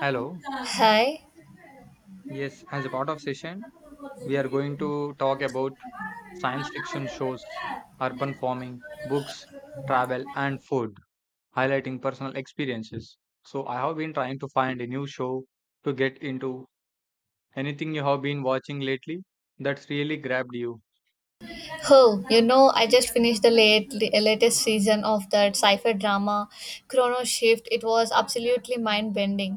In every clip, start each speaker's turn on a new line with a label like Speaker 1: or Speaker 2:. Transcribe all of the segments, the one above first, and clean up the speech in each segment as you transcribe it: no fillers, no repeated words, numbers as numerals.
Speaker 1: Hello.
Speaker 2: Hi.
Speaker 1: Yes, as a part of session, we are going to talk about science fiction shows, urban farming, books, travel, and food, highlighting personal experiences. So I have been trying to find a new show to get into. Anything you have been watching lately that's really grabbed you?
Speaker 2: Oh, you know, I just finished the latest season of that sci-fi drama, Chrono Shift. It was absolutely mind-bending.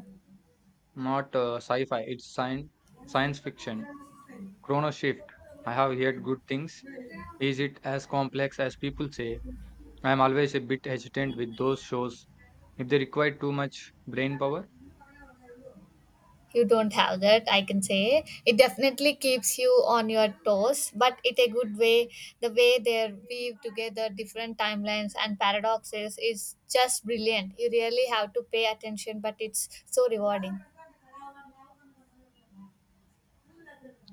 Speaker 1: Not sci-fi, it's science fiction. Chrono Shift. I have heard good things. Is it as complex as people say? I am always a bit hesitant with those shows if they require too much brain power.
Speaker 2: You don't have that, I can say. It definitely keeps you on your toes, but it a good way. The way they weave together different timelines and paradoxes is just brilliant. You really have to pay attention, but it's so rewarding.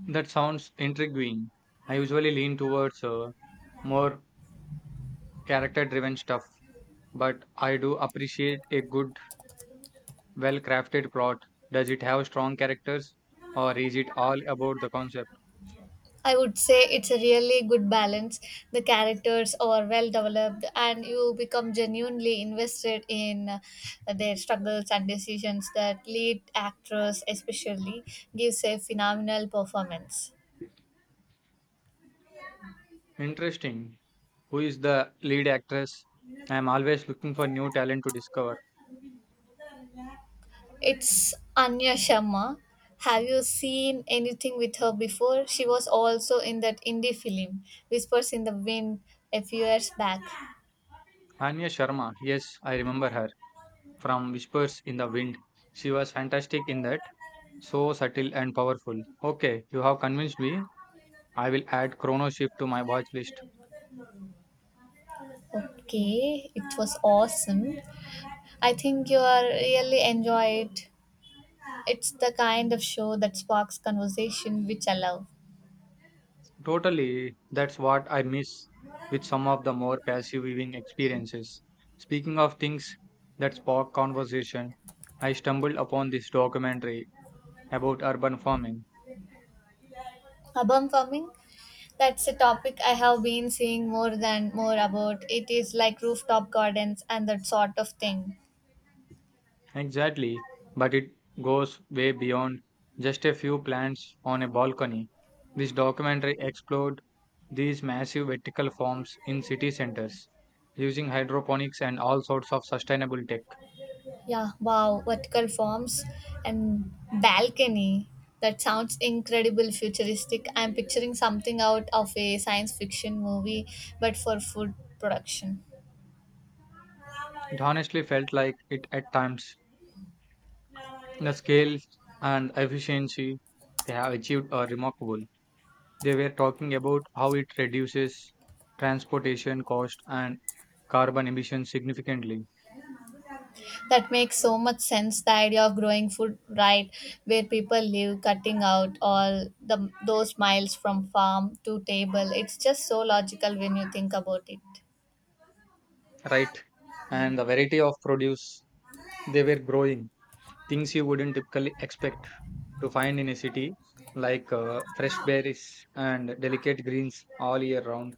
Speaker 1: That sounds intriguing. I usually lean towards more character driven stuff, but I do appreciate a good, well crafted plot. Does it have strong characters or is it all about the concept?
Speaker 2: I would say it's a really good balance. The characters are well developed, and you become genuinely invested in their struggles and decisions that lead actress, especially, gives a phenomenal performance.
Speaker 1: Interesting. Who is the lead actress? I am always looking for new talent to discover.
Speaker 2: It's Anya Sharma. Have you seen anything with her before? She was also in that indie film, Whispers in the Wind, a few years back.
Speaker 1: Anya Sharma, yes, I remember her from Whispers in the Wind. She was fantastic in that. So subtle and powerful. Okay, you have convinced me. I will add Chrono Shift to my watch list.
Speaker 2: Okay, it was awesome. I think you are really enjoyed. It's the kind of show that sparks conversation, which I love.
Speaker 1: Totally, that's what I miss with some of the more passive viewing experiences. Speaking of things that spark conversation, I stumbled upon this documentary about urban farming.
Speaker 2: Urban farming, that's a topic I have been seeing more about. It is like rooftop gardens and that sort of thing.
Speaker 1: Exactly, but it goes way beyond just a few plants on a balcony. This documentary explored these massive vertical farms in city centers using hydroponics and all sorts of sustainable tech.
Speaker 2: Yeah, wow, vertical forms and balcony. That sounds incredible futuristic. I'm picturing something out of a science fiction movie, but for food production.
Speaker 1: It honestly felt like it at times. The scale and efficiency they have achieved are remarkable. They were talking about how it reduces transportation cost and carbon emissions significantly,
Speaker 2: That makes so much sense. The idea of growing food right where people live, cutting out all the those miles from farm to table. It's just so logical when you think about it.
Speaker 1: right? And the variety of produce they were growing, things you wouldn't typically expect to find in a city, like fresh berries and delicate greens all year round.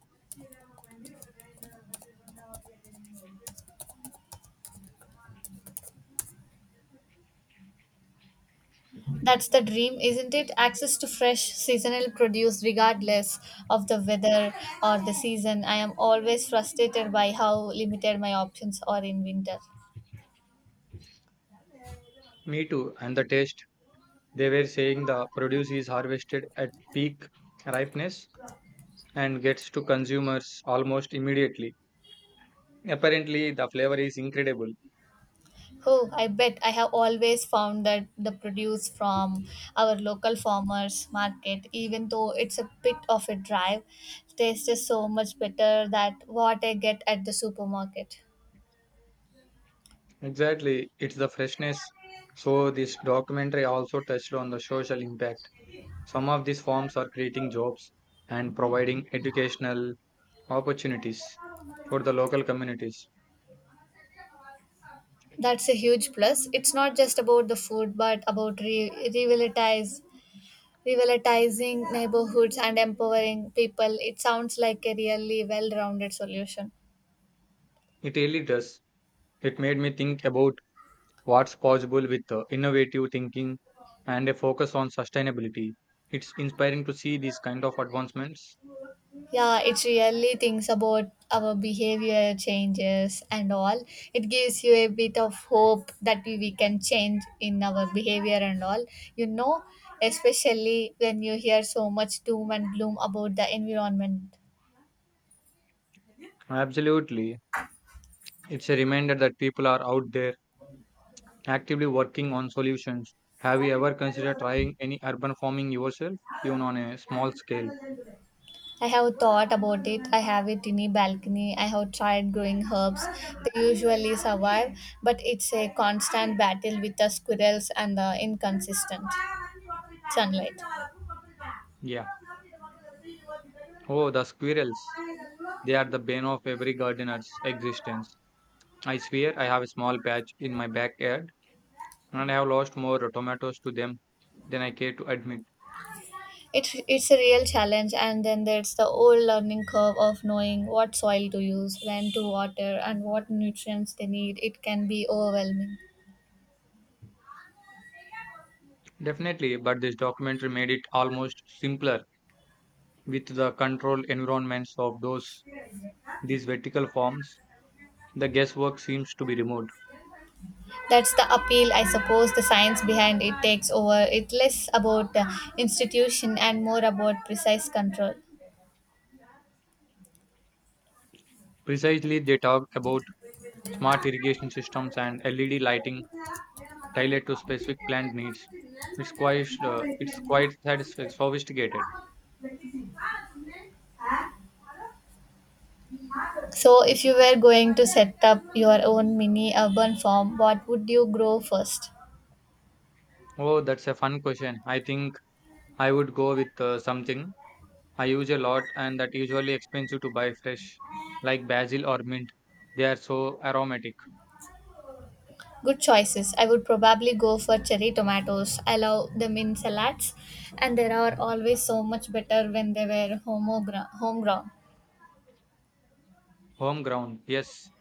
Speaker 2: That's the dream, isn't it? Access to fresh seasonal produce regardless of the weather or the season. I am always frustrated by how limited my options are in winter.
Speaker 1: Me too, and the taste. They were saying the produce is harvested at peak ripeness and gets to consumers almost immediately. Apparently, the flavor is incredible.
Speaker 2: Oh, I bet. I have always found that the produce from our local farmers market, even though it's a bit of a drive, tastes so much better than what I get at the supermarket.
Speaker 1: Exactly, it's the freshness. So, this documentary also touched on the social impact. Some of these farms are creating jobs and providing educational opportunities for the local communities.
Speaker 2: That's a huge plus. It's not just about the food, but about re- revitalize revitalizing neighborhoods and empowering people. It sounds like a really well-rounded solution.
Speaker 1: It really does. It made me think about what's possible with innovative thinking and a focus on sustainability. It's inspiring to see these kind of advancements.
Speaker 2: Yeah, it really thinks about our behavior changes and all. It gives you a bit of hope that we can change in our behavior and all, you know especially when you hear so much doom and gloom about the environment.
Speaker 1: Absolutely. It's a reminder that people are out there actively working on solutions. Have you ever considered trying any urban farming yourself, even on a small scale?
Speaker 2: I have thought about it. I have it in a balcony. I have tried growing herbs. They usually survive, but it's a constant battle with the squirrels and the inconsistent sunlight.
Speaker 1: Yeah. Oh, the squirrels. They are the bane of every gardener's existence. I swear I have a small patch in my backyard and I have lost more tomatoes to them than I care to admit.
Speaker 2: It's a real challenge, and then there's the old learning curve of knowing what soil to use, when to water, and what nutrients they need. It can be overwhelming.
Speaker 1: Definitely, but this documentary made it almost simpler with the controlled environments of those these vertical farms. The guesswork seems to be removed.
Speaker 2: That's the appeal, I suppose. The science behind it takes over. It's less about the institution and more about precise control.
Speaker 1: Precisely, they talk about smart irrigation systems and LED lighting tailored to specific plant needs. It's quite sophisticated.
Speaker 2: So, if you were going to set up your own mini urban farm, what would you grow first?
Speaker 1: Oh, that's a fun question. I think I would go with something I use a lot and that usually expensive to buy fresh, like basil or mint. They are so aromatic.
Speaker 2: Good choices. I would probably go for cherry tomatoes. I love them in salads, and they are always so much better when they were homegrown.
Speaker 1: Homegrown, yes,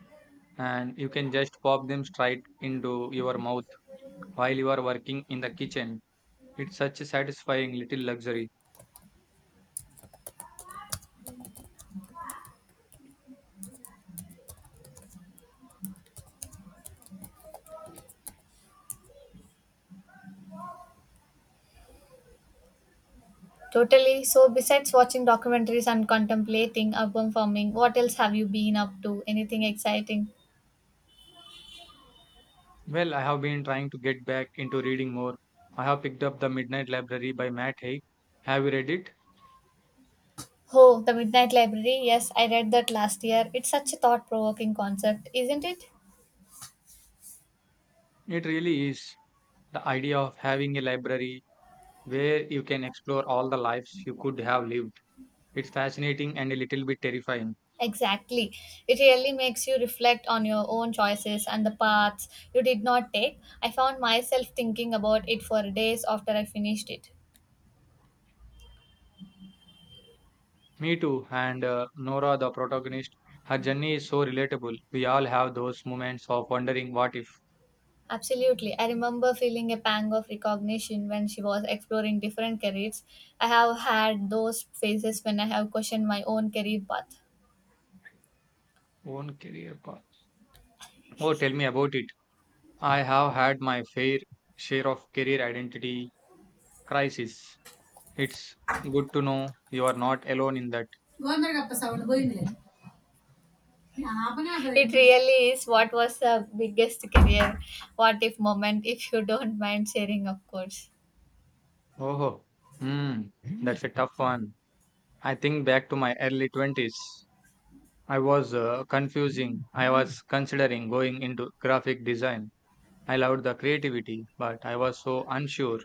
Speaker 1: and you can just pop them straight into your mouth while you are working in the kitchen. It's such a satisfying little luxury.
Speaker 2: Totally. So, besides watching documentaries and contemplating urban farming, what else have you been up to? Anything exciting?
Speaker 1: Well, I have been trying to get back into reading more. I have picked up The Midnight Library by Matt Haig. Have you read it?
Speaker 2: Oh, The Midnight Library. Yes, I read that last year. It's such a thought provoking concept, isn't it?
Speaker 1: It really is, the idea of having a library where you can explore all the lives you could have lived. It's fascinating and a little bit terrifying.
Speaker 2: Exactly. It really makes you reflect on your own choices and the paths you did not take. I found myself thinking about it for days after I finished it.
Speaker 1: Me too, and Nora, the protagonist, her journey is so relatable. We all have those moments of wondering what if.
Speaker 2: Absolutely. I remember feeling a pang of recognition when she was exploring different careers. I have had those phases when I have questioned my own career path.
Speaker 1: Own career path. Oh, tell me about it. I have had my fair share of career identity crisis. It's good to know you are not alone in that.
Speaker 2: It really is. What was the biggest career what if moment, if you don't mind sharing, of course?
Speaker 1: Oh, hmm, that's a tough one. I think back to my early 20s. I was confusing. I was considering going into graphic design. I loved the creativity, but I was so unsure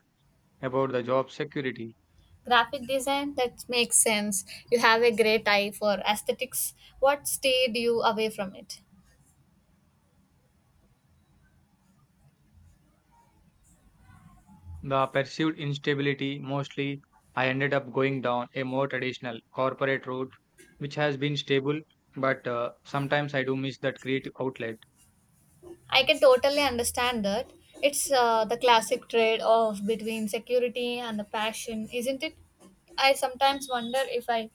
Speaker 1: about the job security.
Speaker 2: Graphic design, that makes sense. You have a great eye for aesthetics. What stayed you away from it?
Speaker 1: The perceived instability mostly. I ended up going down a more traditional corporate route, which has been stable, but sometimes I do miss that creative outlet.
Speaker 2: I can totally understand that. It's the classic trade off between security and the passion, isn't it? I sometimes wonder if I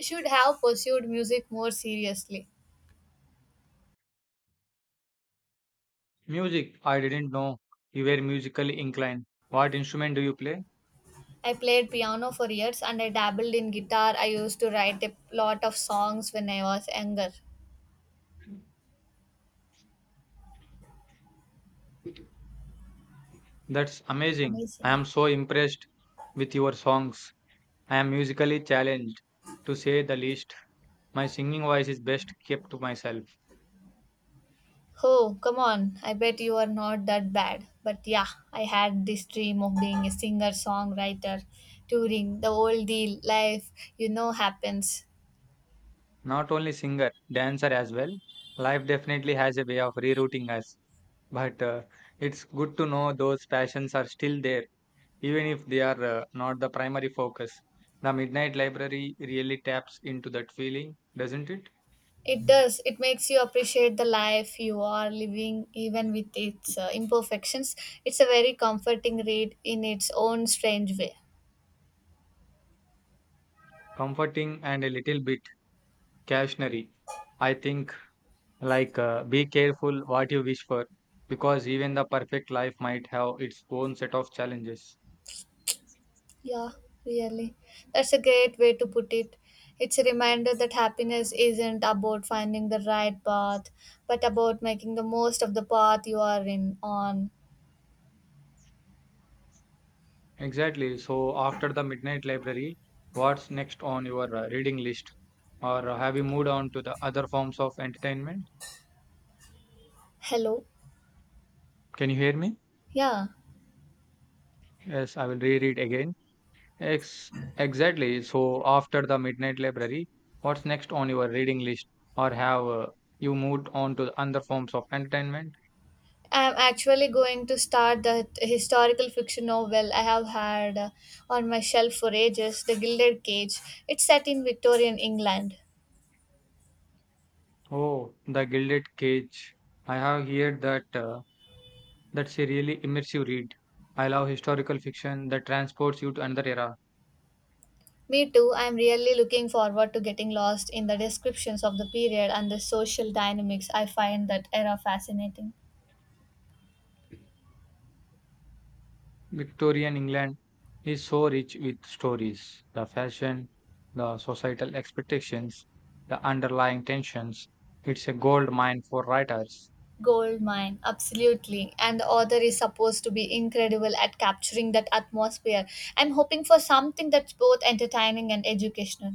Speaker 2: should have pursued music more seriously.
Speaker 1: Music, I didn't know you were musically inclined. What instrument do you play?
Speaker 2: I played piano for years and I dabbled in guitar. I used to write a lot of songs when I was younger.
Speaker 1: That's amazing. I
Speaker 2: Amazing.
Speaker 1: am so impressed with your songs. I am musically challenged, to say the least. My singing voice is best kept to myself.
Speaker 2: Oh, come on. I bet you are not that bad. But yeah, I had this dream of being a singer songwriter, touring, the whole deal, life, you know, happens.
Speaker 1: Not only singer, dancer as well. Life definitely has a way of rerouting us. But it's good to know those passions are still there, even if they are not the primary focus. The Midnight Library really taps into that feeling, doesn't it?
Speaker 2: It does. It makes you appreciate the life you are living, even with its imperfections. It's a very comforting read in its own strange way.
Speaker 1: Comforting and a little bit cautionary. I think, be careful what you wish for, because even the perfect life might have its own set of challenges.
Speaker 2: Yeah, really. That's a great way to put it. It's a reminder that happiness isn't about finding the right path, but about making the most of the path you are in on.
Speaker 1: Exactly. So, after the Midnight Library, what's next on your reading list? Or have you moved on to the other forms of entertainment?
Speaker 2: Hello.
Speaker 1: Can you hear me?
Speaker 2: Yeah.
Speaker 1: Yes, I will reread again. Ex exactly. So after the Midnight Library, what's next on your reading list? Or have you moved on to other forms of entertainment?
Speaker 2: I'm actually going to start that historical fiction novel I have had on my shelf for ages, The Gilded Cage. It's set in Victorian England.
Speaker 1: Oh, The Gilded Cage. I have heard that that's a really immersive read. I love historical fiction that transports you to another era.
Speaker 2: Me too, I'm really looking forward to getting lost in the descriptions of the period and the social dynamics. I find that era fascinating.
Speaker 1: Victorian England is so rich with stories, the fashion, the societal expectations, the underlying tensions. It's a gold mine for writers.
Speaker 2: Gold mine, absolutely. And the author is supposed to be incredible at capturing that atmosphere. I'm hoping for something that's both entertaining and educational.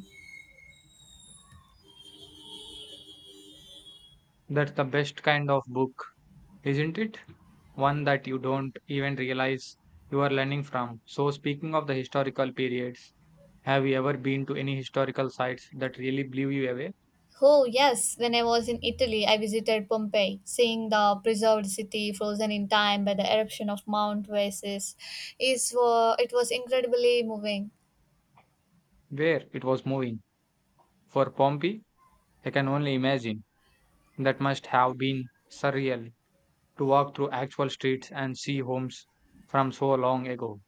Speaker 1: That's the best kind of book, isn't it? One that you don't even realize you are learning from. So, speaking of the historical periods, have you ever been to any historical sites that really blew you away?
Speaker 2: Oh, yes. When I was in Italy, I visited Pompeii, seeing the preserved city frozen in time by the eruption of Mount Vesuvius. It was incredibly moving.
Speaker 1: Where it was moving? For Pompeii, I can only imagine. That must have been surreal to walk through actual streets and see homes from so long ago.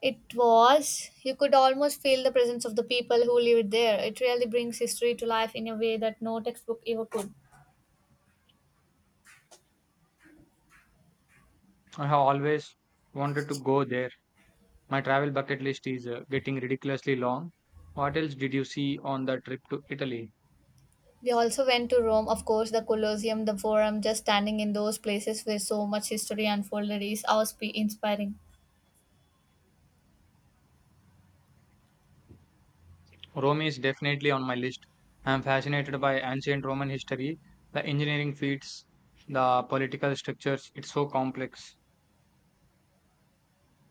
Speaker 2: It was. You could almost feel the presence of the people who lived there. It really brings history to life in a way that no textbook ever could.
Speaker 1: I have always wanted to go there. My travel bucket list is getting ridiculously long. What else did you see on the trip to Italy?
Speaker 2: We also went to Rome, of course, the Colosseum, the Forum, just standing in those places where so much history unfolded is always be inspiring.
Speaker 1: Rome is definitely on my list. I'm fascinated by ancient Roman history, the engineering feats, the political structures. It's so complex.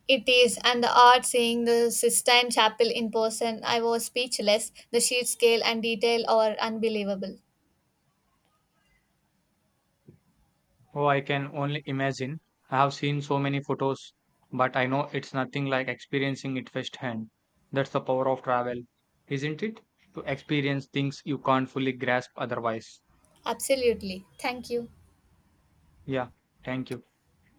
Speaker 2: It is, and the art, seeing the Sistine Chapel in person, I was speechless. The sheer scale and detail are unbelievable.
Speaker 1: Oh, I can only imagine. I have seen so many photos, but I know it's nothing like experiencing it firsthand. That's the power of travel, isn't it? To experience things you can't fully grasp otherwise.
Speaker 2: Absolutely. Thank you.
Speaker 1: Yeah, thank you.